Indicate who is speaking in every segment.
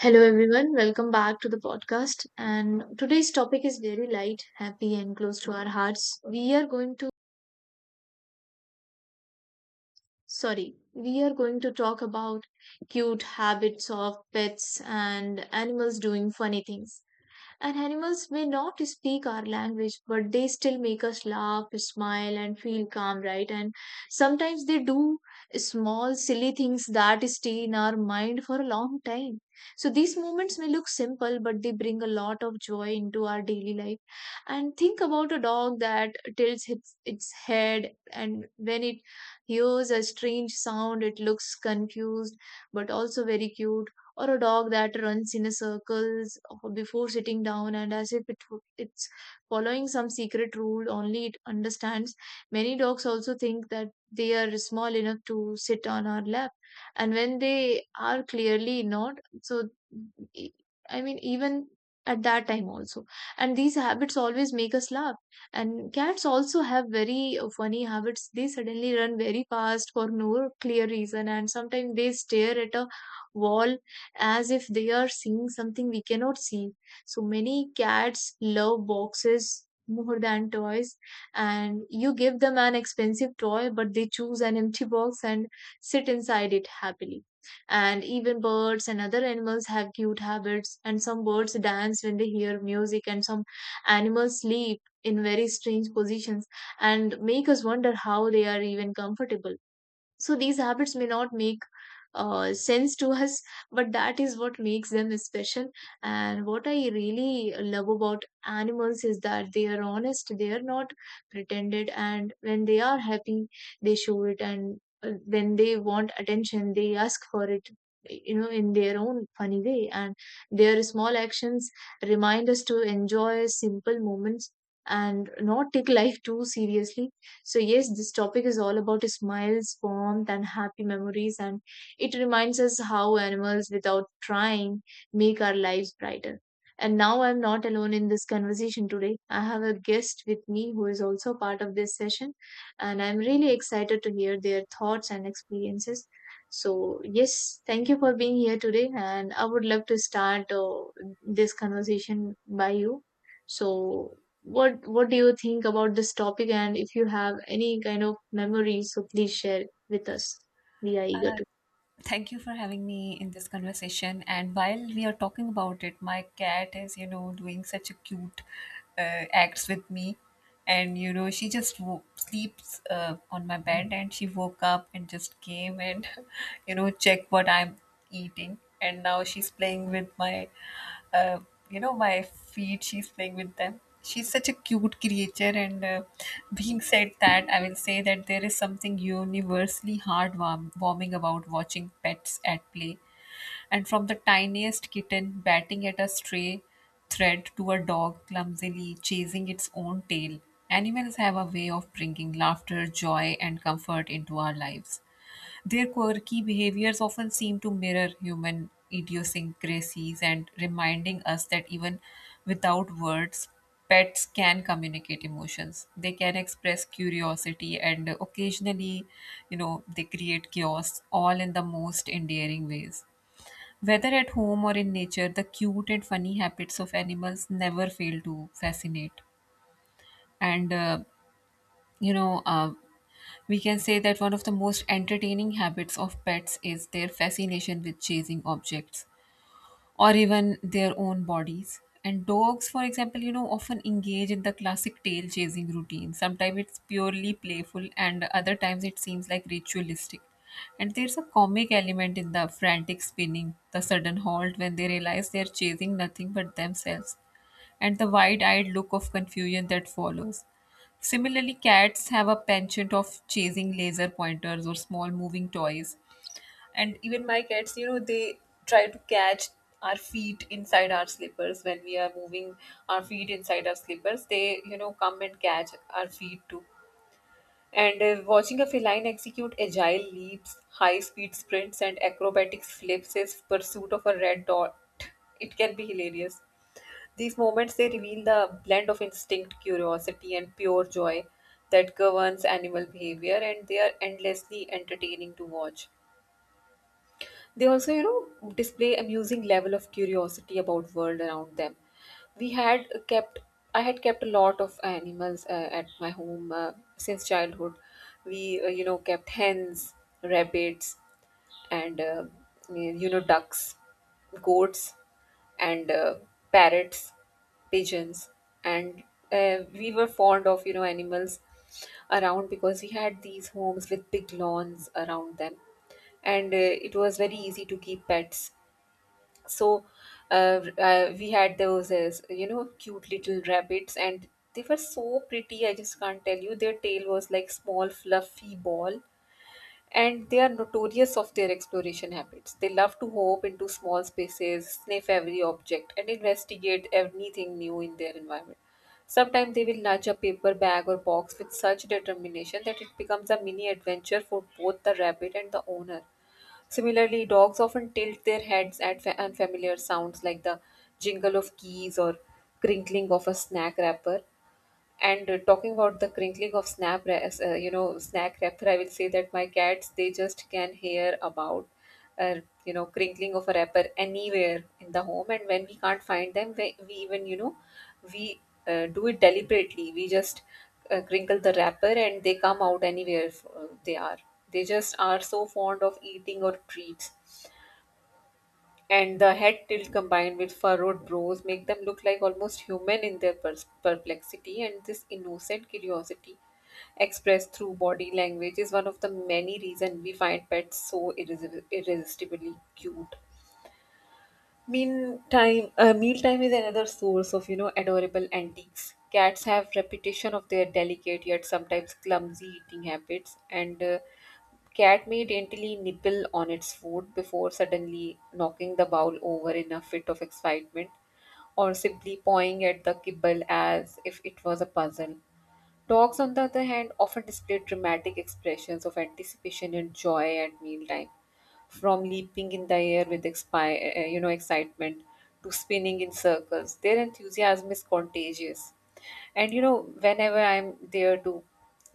Speaker 1: Hello, everyone. Welcome back to the podcast. And today's topic is very light, happy, and close to our hearts. We are going to talk about cute habits of pets and animals doing funny things. And animals may not speak our language, but they still make us laugh, smile, and feel calm, right? And sometimes they do small, silly things that stay in our mind for a long time. So these moments may look simple, but they bring a lot of joy into our daily life. And think about a dog that tilts its head, and when it hears a strange sound, it looks confused but also very cute, or a dog that runs in a circles before sitting down, and as if it's following some secret rule only it understands. Many dogs also think that they are small enough to sit on our lap, and when they are clearly not, so e- I mean even at that time also. And these habits always make us laugh. And cats also have very funny habits. They suddenly run very fast for no clear reason, and sometimes they stare at a wall as if they are seeing something we cannot see. So many cats love boxes more than toys, and you give them an expensive toy, but they choose an empty box and sit inside it happily. And even birds and other animals have cute habits, and some birds dance when they hear music, and some animals sleep in very strange positions and make us wonder how they are even comfortable. So these habits may not make sense to us, but that is what makes them special. And what I really love about animals is that they are honest, they are not pretended, and when they are happy, they show it, and when they want attention, they ask for it in their own funny way, and their small actions remind us to enjoy simple moments and not take life too seriously. So, yes, this topic is all about smiles, warmth, and happy memories, and it reminds us how animals, without trying, make our lives brighter. And now I'm not alone in this conversation today. I have a guest with me who is also part of this session, and I'm really excited to hear their thoughts and experiences. So, yes, thank you for being here today. And I would love to start this conversation by you. So, what do you think about this topic, and if you have any kind of memories, so please share with us. We are eager to.
Speaker 2: Thank you for having me in this conversation. And while we are talking about it, my cat is, you know, doing such a cute acts with me. And, you know, she just sleeps on my bed and she woke up and just came and, you know, checked what I'm eating. And now she's playing with my uh, you know my feet, she's playing with them. She's such a cute creature. And being said that, I will say that there is something universally heartwarming about watching pets at play, and from the tiniest kitten batting at a stray thread to a dog clumsily chasing its own tail, animals have a way of bringing laughter, joy and comfort into our lives. Their quirky behaviors often seem to mirror human idiosyncrasies and reminding us that even without words, pets can communicate emotions. They can express curiosity and occasionally, they create chaos all in the most endearing ways. Whether at home or in nature, the cute and funny habits of animals never fail to fascinate. And, uh, you know, uh, we can say that one of the most entertaining habits of pets is their fascination with chasing objects or even their own bodies. And dogs, for example, you know, often engage in the classic tail chasing routine. Sometimes it's purely playful, and other times it seems like ritualistic. And there's a comic element in the frantic spinning, the sudden halt when they realize they're chasing nothing but themselves, and the wide eyed look of confusion that follows. Similarly, cats have a penchant of chasing laser pointers or small moving toys. And even my cats, you know, they try to catch our feet inside our slippers when we are moving our feet inside our slippers. They, you know, come and catch our feet too. And watching a feline execute agile leaps, high speed sprints, and acrobatic flips is pursuit of a red dot. It can be hilarious. These moments, they reveal the blend of instinct, curiosity, and pure joy that governs animal behavior, and they are endlessly entertaining to watch. They also, you know, display amusing level of curiosity about world around them. We had kept, I had kept a lot of animals at my home since childhood. We, you know, kept hens, rabbits, and you know, ducks, goats, and parrots, pigeons, and we were fond of, you know, animals around because we had these homes with big lawns around them. And it was very easy to keep pets. So we had those you know, cute little rabbits, and they were so pretty, I just can't tell you. Their tail was like small fluffy ball, and they are notorious of their exploration habits. They love to hop into small spaces, sniff every object, and investigate anything new in their environment. Sometimes they will nudge a paper bag or box with such determination that it becomes a mini adventure for both the rabbit and the owner. Similarly, dogs often tilt their heads at unfamiliar sounds like the jingle of keys or crinkling of a snack wrapper. And talking about the crinkling of you know, snack wrapper, I will say that my cats, they just can hear about, uh, you know, crinkling of a wrapper anywhere in the home. And when we can't find them, we even, you know, we do it deliberately. We just crinkle the wrapper, and they come out anywhere they are. They just are so fond of eating or treats, and the head tilt combined with furrowed brows make them look like almost human in their perplexity, and this innocent curiosity expressed through body language is one of the many reasons we find pets so irresistibly cute. Meantime Mealtime is another source of, you know, adorable antiques. Cats have reputation of their delicate yet sometimes clumsy eating habits, and cat may daintily nibble on its food before suddenly knocking the bowl over in a fit of excitement or simply pawing at the kibble as if it was a puzzle. Dogs, on the other hand, often display dramatic expressions of anticipation and joy at mealtime, from leaping in the air with you know, excitement to spinning in circles. Their enthusiasm is contagious. And you know, whenever I'm there to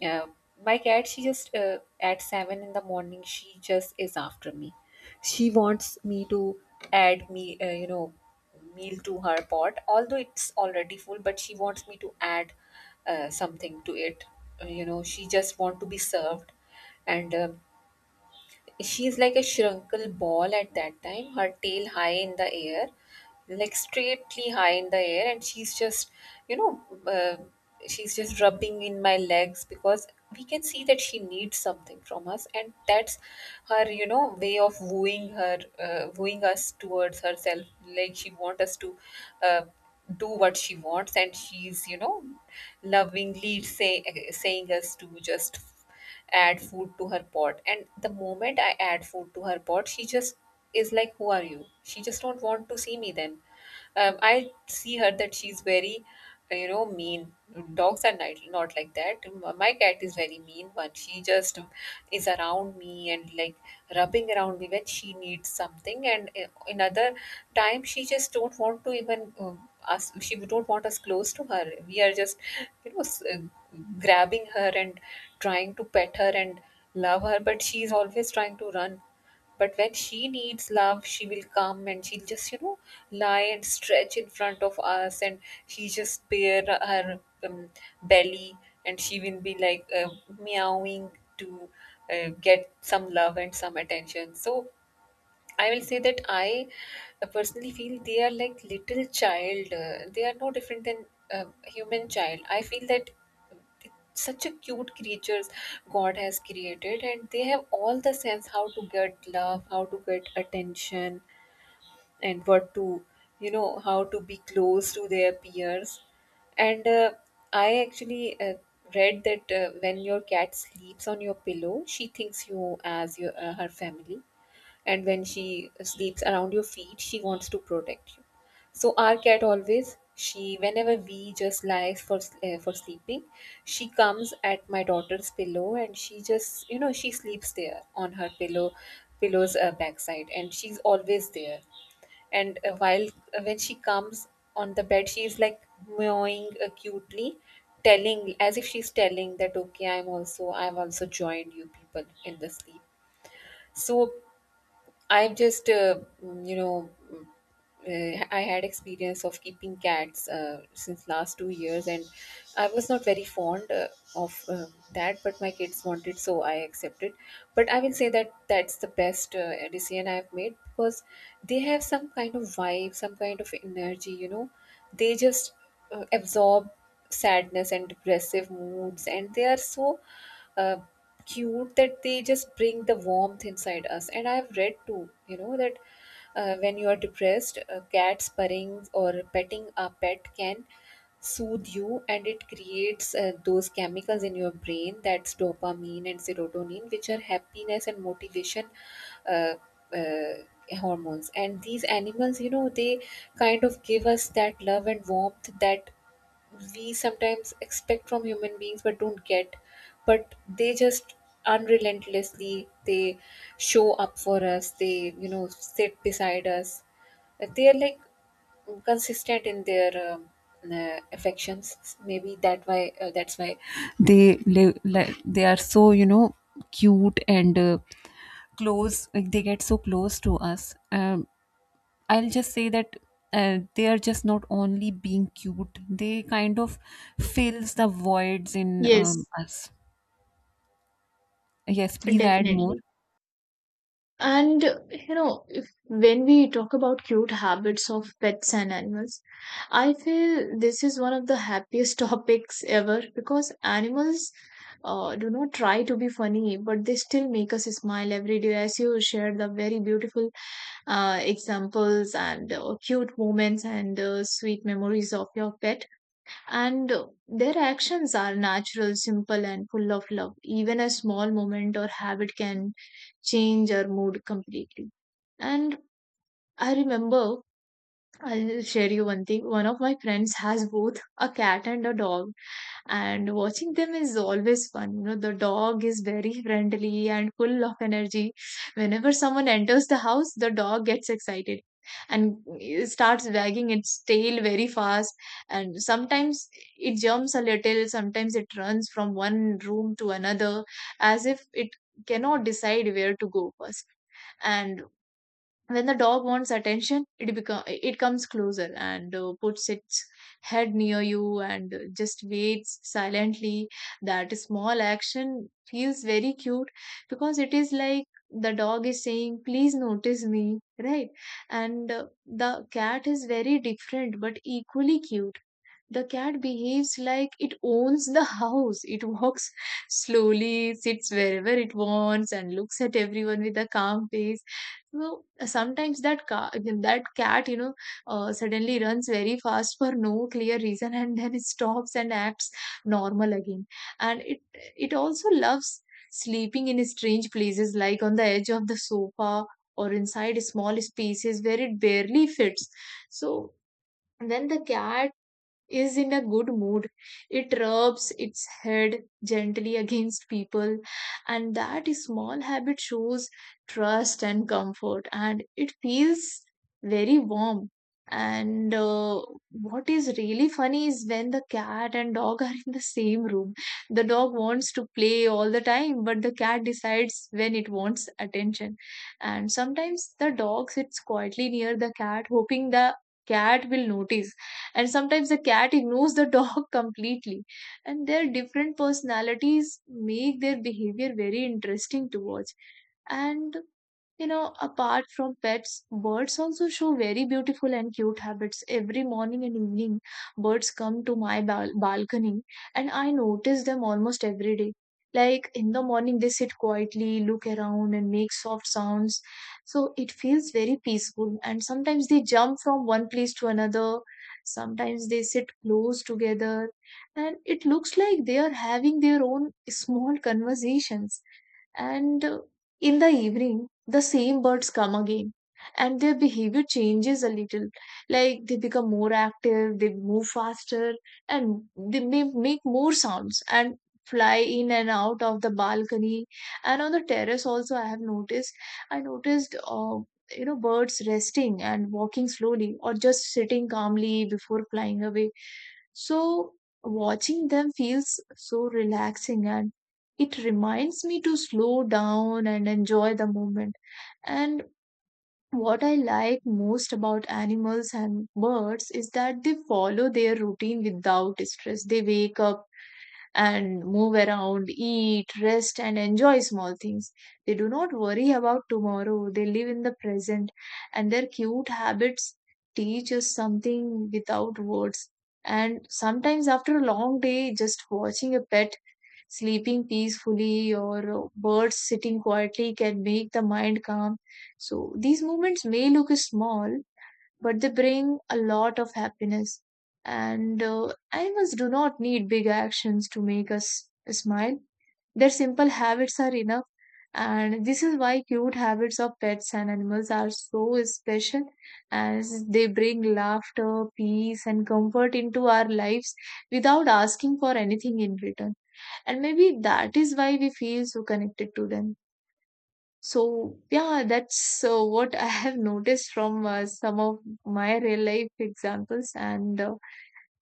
Speaker 2: uh, my cat, she just at 7 in the morning, she just is after me. She wants me to add me, you know, meal to her pot, although it's already full, but she wants me to add something to it. You know, she just want to be served. And she's like a shrinkle ball at that time, her tail high in the air, like straightly high in the air. And she's just, you know, uh, she's just rubbing in my legs because we can see that she needs something from us, and that's her, you know, way of wooing her, wooing us towards herself. Like she wants us to. Uh, do what she wants. And she's, you know, lovingly say, saying us to just add food to her pot. And the moment I add food to her pot, she just is like, who are you? She just don't want to see me then. I see her that she's very, you know, mean. Dogs are not, not like that. My cat is very mean one. She just is around me and like rubbing around me when she needs something. And another time she just don't want to even us. She don't want us close to her. We are just, you know, grabbing her and trying to pet her and love her, but she's always trying to run. But when she needs love, she will come and she'll just, you know, lie and stretch in front of us, and she just bare her belly, and she will be like meowing to get some love and some attention. So I will say that I personally feel they are like little child. They are no different than human child. I feel that such a cute creatures God has created, and they have all the sense how to get love, how to get attention, and what to, you know, how to be close to their peers. And I actually read that when your cat sleeps on your pillow, she thinks you as your, her family, and when she sleeps around your feet, she wants to protect you. So our cat always, she whenever we just lies for sleeping, she comes at my daughter's pillow, and she just, you know, she sleeps there on her pillow, pillow's backside, and she's always there. And while when she comes on the bed, she is like meowing acutely, telling as if she's telling that okay, I'm also, I've also joined you people in the sleep. So I just, you know, I had experience of keeping cats since last 2 years, and I was not very fond of that. But my kids wanted, so I accepted. But I will say that that's the best decision I've made because they have some kind of vibe, some kind of energy. You know, they just absorb sadness and depressive moods, and they are so. Uh, Cute that they just bring the warmth inside us. And I've read too, you know, that when you are depressed, a cat spurring or petting a pet can soothe you, and it creates those chemicals in your brain, that's dopamine and serotonin, which are happiness and motivation uh, uh, hormones. And these animals, you know, they kind of give us that love and warmth that we sometimes expect from human beings but don't get. But they just unrelentlessly, they show up for us. They, you know, sit beside us. They are like consistent in their affections. Maybe that why, that's why they live, like they are so, you know, cute and close, like they get so close to us. I'll just say that they are just not only being cute; they kind of fills the voids in
Speaker 1: Yes,
Speaker 2: us. Yes, please add more.
Speaker 1: definitely. And you know, if when we talk about cute habits of pets and animals, I feel this is one of the happiest topics ever, because animals do not try to be funny, but they still make us smile every day. As you shared the very beautiful examples and cute moments and sweet memories of your pet, and their actions are natural, simple, and full of love. Even a small moment or habit can change our mood completely. And I remember, I'll share you one thing. One of my friends has both a cat and a dog, and watching them is always fun. You know, the dog is very friendly and full of energy. Whenever someone enters the house, the dog gets excited and it starts wagging its tail very fast. And sometimes it jumps a little, sometimes it runs from one room to another as if it cannot decide where to go first. And when the dog wants attention, it comes closer and puts its head near you and just waits silently. That small action feels very cute, because it is like the dog is saying please notice me, right? And the cat is very different but equally cute. The cat behaves like it owns the house. It walks slowly, sits wherever it wants, and looks at everyone with a calm face. So sometimes that cat suddenly runs very fast for no clear reason, and then it stops and acts normal again. And it also loves sleeping in strange places, like on the edge of the sofa or inside small spaces where it barely fits. So then the cat is in a good mood. It rubs its head gently against people, and that small habit shows trust and comfort, and it feels very warm. And what is really funny is when the cat and dog are in the same room. The dog wants to play all the time, but the cat decides when it wants attention. And sometimes the dog sits quietly near the cat, hoping the cat will notice, and sometimes the cat ignores the dog completely. And their different personalities make their behavior very interesting to watch. And you know, apart from pets, birds also show very beautiful and cute habits. Every morning and evening, birds come to my balcony, and I notice them almost every day. Like in the morning, they sit quietly, look around, and make soft sounds. So it feels very peaceful. And sometimes they jump from one place to another. Sometimes they sit close together. And it looks like they are having their own small conversations. And in the evening, the same birds come again and their behavior changes a little. Like they become more active, they move faster, and they may make more sounds and fly in and out of the balcony. And on the terrace, also, I noticed, you know, birds resting and walking slowly or just sitting calmly before flying away. So, watching them feels so relaxing, and it reminds me to slow down and enjoy the moment. And what I like most about animals and birds is that they follow their routine without stress. They wake up and move around, eat, rest, and enjoy small things. They do not worry about tomorrow, they live in the present, and their cute habits teach us something without words. And sometimes, after a long day, just watching a pet sleeping peacefully or birds sitting quietly can make the mind calm. So, these moments may look small, but they bring a lot of happiness. And animals do not need big actions to make us smile. Their simple habits are enough. And this is why cute habits of pets and animals are so special, as they bring laughter, peace, and comfort into our lives without asking for anything in return. And maybe that is why we feel so connected to them. So yeah, that's what I have noticed from some of my real life examples, and uh,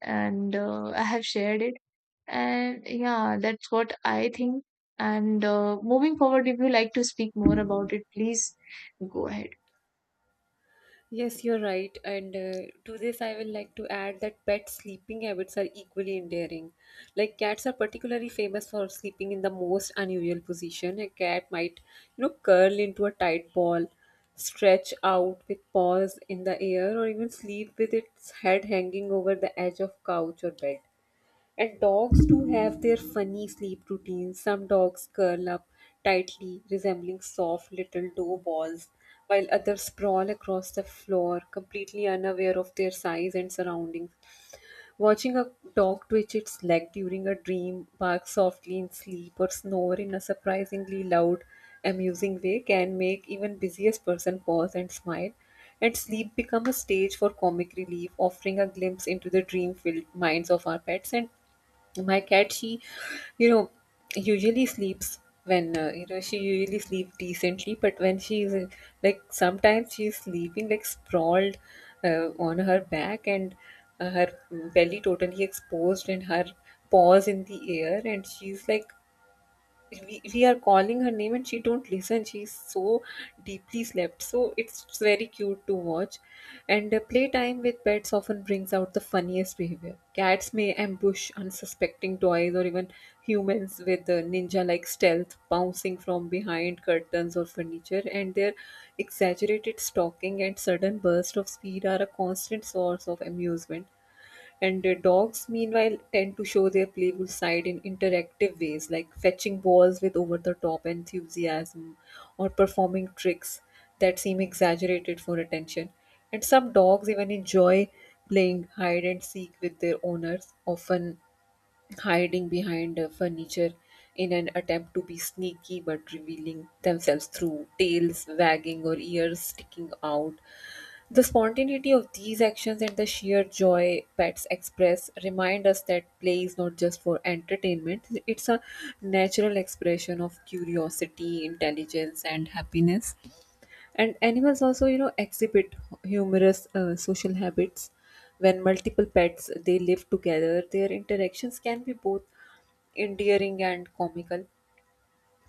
Speaker 1: and uh, I have shared it. And yeah, that's what I think. And moving forward, if you like to speak more about it, please go ahead.
Speaker 2: Yes, you're right. And to this, I will like to add that pet sleeping habits are equally endearing. Like cats are particularly famous for sleeping in the most unusual position. A cat might, you know, curl into a tight ball, stretch out with paws in the air, or even sleep with its head hanging over the edge of couch or bed. And dogs do have their funny sleep routines. Some dogs curl up tightly, resembling soft little dough balls, while others sprawl across the floor, completely unaware of their size and surroundings. Watching a dog twitch its leg during a dream, bark softly in sleep, or snore in a surprisingly loud, amusing way can make even busiest person pause and smile. And sleep become a stage for comic relief, offering a glimpse into the dream-filled minds of our pets. And my cat, she, you know usually sleeps when, she usually sleeps decently. But when she's, like, sometimes she's sleeping like sprawled on her back, and her belly totally exposed, and her paws in the air. And she's like, we are calling her name and she don't listen, she's so deeply slept, so it's very cute to watch. And playtime with pets often brings out the funniest behavior. Cats may ambush unsuspecting toys or even humans with the ninja like stealth, bouncing from behind curtains or furniture, and their exaggerated stalking and sudden burst of speed are a constant source of amusement. And the dogs, meanwhile, tend to show their playful side in interactive ways, like fetching balls with over the top enthusiasm, or performing tricks that seem exaggerated for attention. And some dogs even enjoy playing hide and seek with their owners, often hiding behind furniture in an attempt to be sneaky, but revealing themselves through tails wagging or ears sticking out. The spontaneity of these actions and the sheer joy pets express remind us that play is not just for entertainment, it's a natural expression of curiosity, intelligence, and happiness. And animals also, exhibit humorous social habits. When multiple pets they live together, their interactions can be both endearing and comical.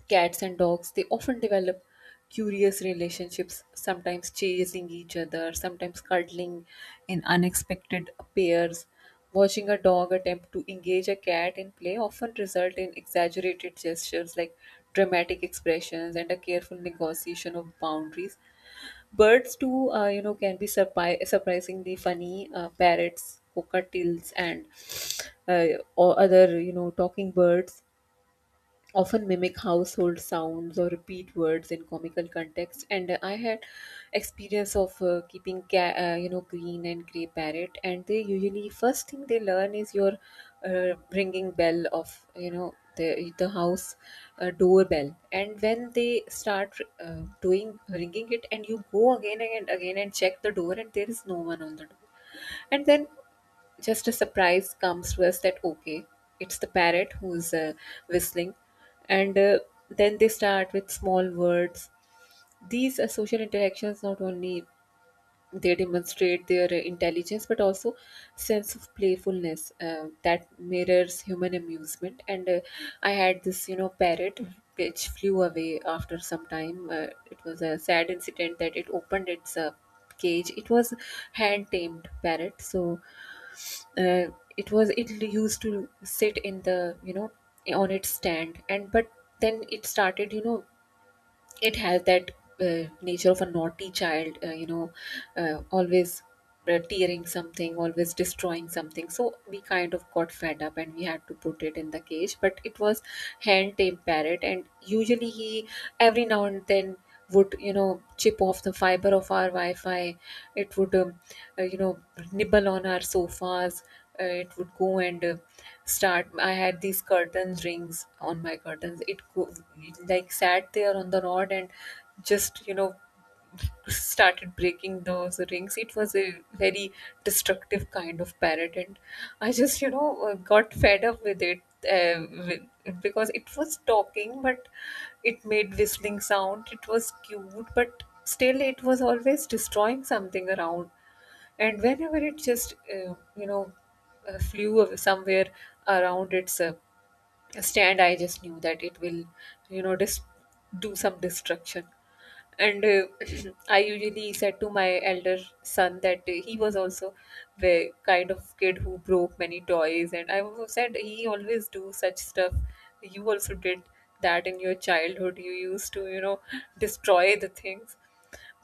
Speaker 2: Cats and dogs, they often develop curious relationships, sometimes chasing each other, sometimes cuddling in unexpected pairs. Watching a dog attempt to engage a cat in play often result in exaggerated gestures, like dramatic expressions and a careful negotiation of boundaries. Birds too, can be surprisingly funny. Parrots, cockatiels, and or other, talking birds often mimic household sounds or repeat words in comical context. And I had experience of keeping green and gray parrot, and they usually first thing they learn is your ringing bell of, the house doorbell. And when they start doing ringing it, and you go again and again and check the door, and there is no one on the door. And then just a surprise comes to us that, okay, it's the parrot who's whistling. And then they start with small words. These social interactions not only they demonstrate their intelligence, but also sense of playfulness that mirrors human amusement. And I had this, parrot which flew away after some time. It was a sad incident that it opened its cage. It was hand tamed parrot, so uh, it used to sit in the, on its stand. And but then it started, it has that nature of a naughty child. Always tearing something, always destroying something. So we kind of got fed up, and we had to put it in the cage. But it was hand tamed parrot, and usually he, every now and then, would, chip off the fiber of our wi-fi. It would, uh, you know nibble on our sofas. It would go, and start I had these curtains rings on my curtains. It like sat there on the rod, and just, started breaking those rings. It was a very destructive kind of parrot, and I just, got fed up with it, because it was talking, but it made whistling sound. It was cute, but still, it was always destroying something around. And whenever it just, flew away somewhere around its stand, I just knew that it will, you know, dis- do some destruction. And I usually said to my elder son that he was also the kind of kid who broke many toys, and I also said he always do such stuff. You also did that in your childhood, you used to, destroy the things.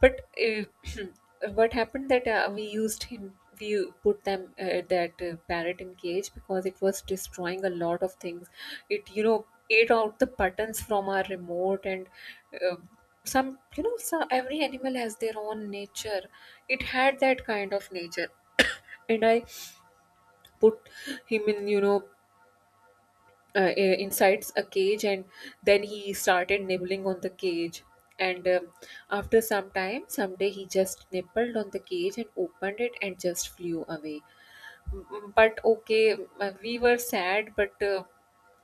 Speaker 2: But what happened that we used him, we put them that parrot in cage because it was destroying a lot of things. It, ate out the buttons from our remote. And uh, some you know so every animal has their own nature. It had that kind of nature, and I put him in, insides a cage. And then he started nibbling on the cage, and after some time, someday he just nibbled on the cage and opened it and just flew away. But okay, we were sad, but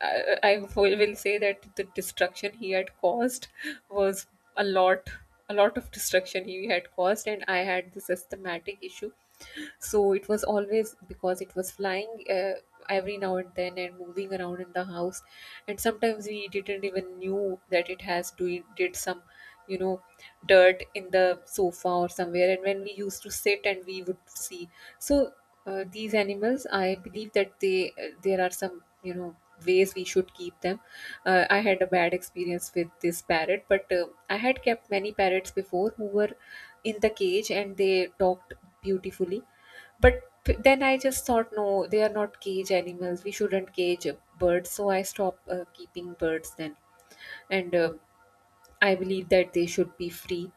Speaker 2: I will say that the destruction he had caused was a lot, a lot of destruction he had caused. And I had this asthmatic issue. So it was always, because it was flying every now and then and moving around in the house, and sometimes we didn't even knew that it has do did some, you know dirt in the sofa or somewhere, and when we used to sit and we would see. So these animals, I believe that they there are some, ways we should keep them. I had a bad experience with this parrot, but I had kept many parrots before who were in the cage, and they talked beautifully. But then I just thought, no, they are not cage animals, we shouldn't cage birds. So I stopped keeping birds then. And I believe that they should be free.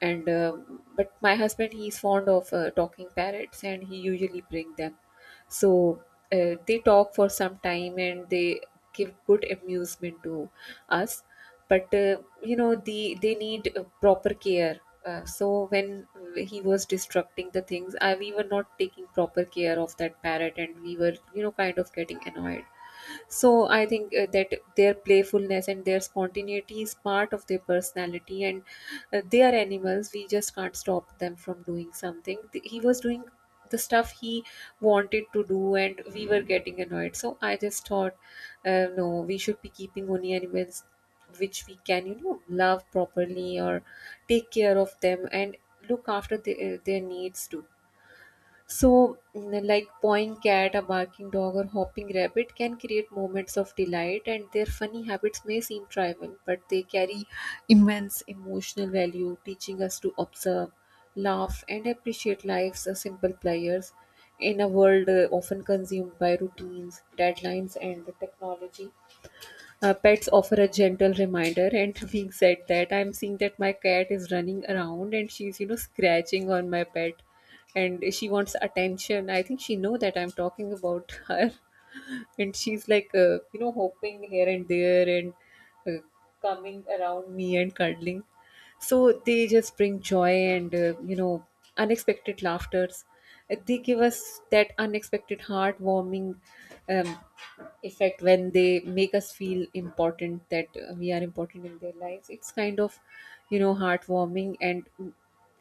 Speaker 2: And but my husband, he's fond of talking parrots, and he usually bring them. So they talk for some time, and they give good amusement to us. But they need proper care. So when he was destructing the things, we were not taking proper care of that parrot, and we were, kind of getting annoyed. So I think that their playfulness and their spontaneity is part of their personality, and they are animals. We just can't stop them from doing something. He was doing the stuff he wanted to do, and we were getting annoyed. So I just thought, no, we should be keeping only animals which we can, love properly, or take care of them, and look after their needs too. So, like pawing cat, a barking dog, or hopping rabbit can create moments of delight, and their funny habits may seem trivial, but they carry immense emotional value, teaching us to observe, laugh, and appreciate life's simple pleasures in a world often consumed by routines, deadlines, and the technology. Pets offer a gentle reminder. And being said that, I'm seeing that my cat is running around, and she's, scratching on my pet, and she wants attention. I think she know that I'm talking about her. And she's like, hopping here and there, and uh, coming around me and cuddling. So they just bring joy and unexpected laughters. They give us that unexpected heartwarming um, effect when they make us feel important, that we are important in their lives. It's kind of, heartwarming and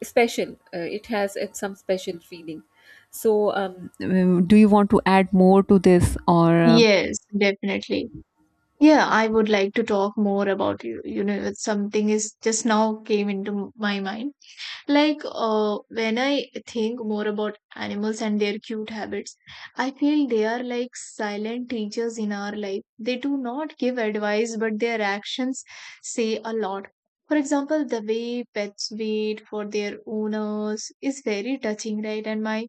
Speaker 2: special. It has some special feeling. So do you want to add more to this, or?
Speaker 1: Yes, definitely. Yeah, I would like to talk more about you. You know, something is just now came into my mind. Like, when I think more about animals and their cute habits, I feel they are like silent teachers in our life. They do not give advice, but their actions say a lot. For example, the way pets wait for their owners is very touching, right? And my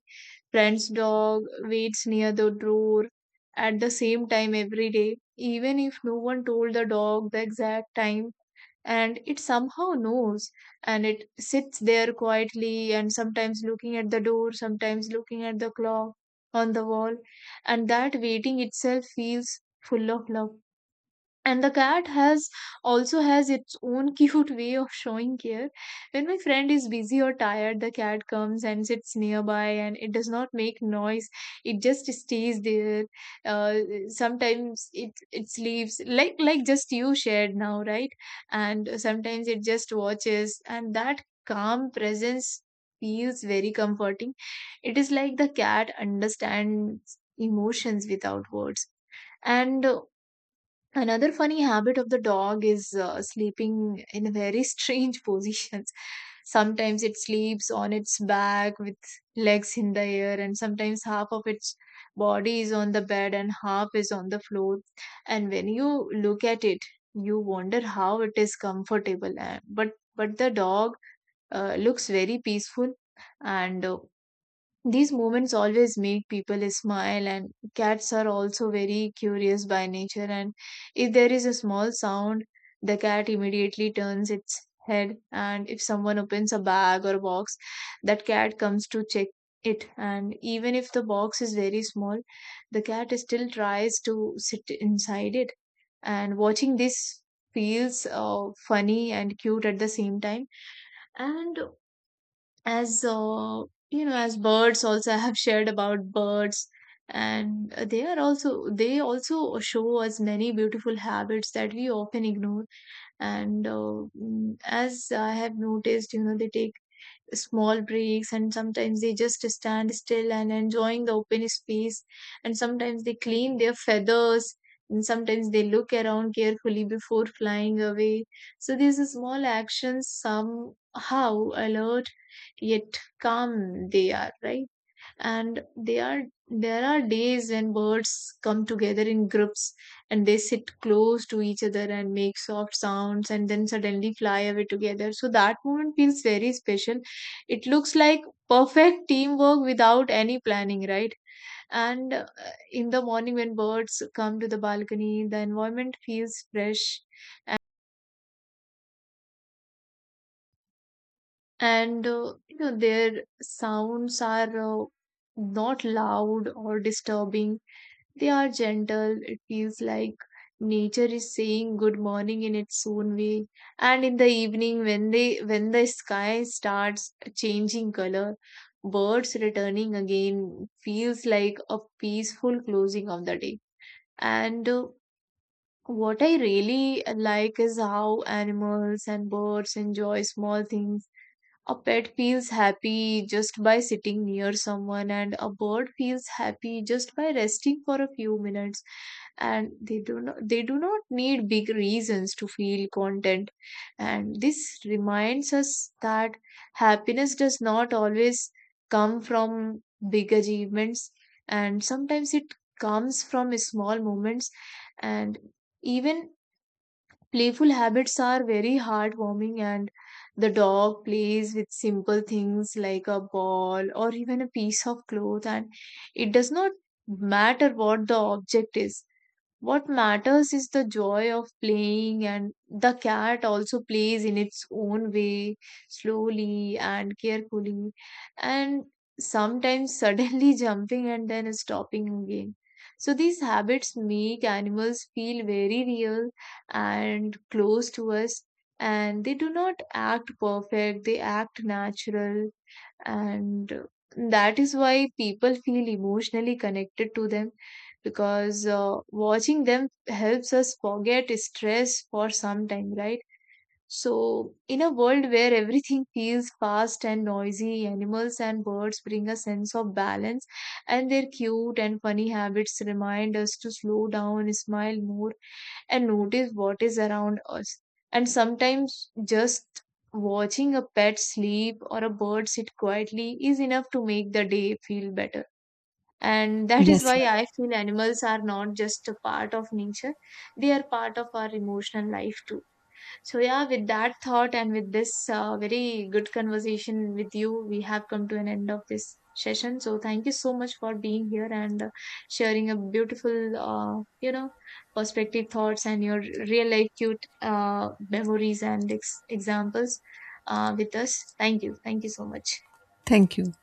Speaker 1: friend's dog waits near the door at the same time every day, even if no one told the dog the exact time, and it somehow knows. And it sits there quietly, and sometimes looking at the door, sometimes looking at the clock on the wall. And that waiting itself feels full of love. And the cat has also has its own cute way of showing care. When my friend is busy or tired, the cat comes and sits nearby, and it does not make noise, it just stays there. uh, Sometimes it sleeps like just you shared now, right? And sometimes it just watches, and that calm presence feels very comforting. It is like the cat understands emotions without words. And another funny habit of the dog is sleeping in very strange positions. Sometimes it sleeps on its back with legs in the air, and sometimes half of its body is on the bed and half is on the floor. And when you look at it, you wonder how it is comfortable. And, but the dog looks very peaceful, and these moments always make people smile. And cats are also very curious by nature. And if there is a small sound, the cat immediately turns its head. And if someone opens a bag or box, that cat comes to check it. And even if the box is very small, the cat still tries to sit inside it. And watching this feels funny and cute at the same time. And as you know, as birds also I have shared about birds and they are also, they also show us many beautiful habits that we often ignore. And as I have noticed, you know, they take small breaks, and sometimes they just stand still and enjoying the open space, and sometimes they clean their feathers, and sometimes they look around carefully before flying away. So these small actions, somehow alert yet calm they are, right? And they are there are days when birds come together in groups, and they sit close to each other and make soft sounds, and then suddenly fly away together. So that moment feels very special. It looks like perfect teamwork without any planning, right? And in the morning, when birds come to the balcony, the environment feels fresh. And you know, their sounds are not loud or disturbing. They are gentle. It feels like nature is saying good morning in its own way. And in the evening, when the sky starts changing color, birds returning again feels like a peaceful closing of the day. And what I really like is how animals and birds enjoy small things. A pet feels happy just by sitting near someone, and a bird feels happy just by resting for a few minutes. And they do not need big reasons to feel content. And this reminds us that happiness does not always come from big achievements, and sometimes it comes from small moments. And even playful habits are very heartwarming, and the dog plays with simple things like a ball or even a piece of cloth, and it does not matter what the object is. What matters is the joy of playing. And the cat also plays in its own way, slowly and carefully, and sometimes suddenly jumping and then stopping again. So, these habits make animals feel very real and close to us, and they do not act perfect, they act natural. And that is why people feel emotionally connected to them, because watching them helps us forget stress for some time, right? So in a world where everything feels fast and noisy, animals and birds bring a sense of balance, and their cute and funny habits remind us to slow down, smile more, and notice what is around us. And sometimes just watching a pet sleep or a bird sit quietly is enough to make the day feel better. And that is
Speaker 2: Yes,
Speaker 1: why
Speaker 2: you're
Speaker 1: I
Speaker 2: right.
Speaker 1: feel animals are not just a part of nature, they are part of our emotional life too. So, yeah, with that thought and with this very good conversation with you, we have come to an end of this session. So, thank you so much for being here and sharing a beautiful, perspective thoughts and your real life cute memories and examples with us. Thank you. Thank you so much.
Speaker 2: Thank you.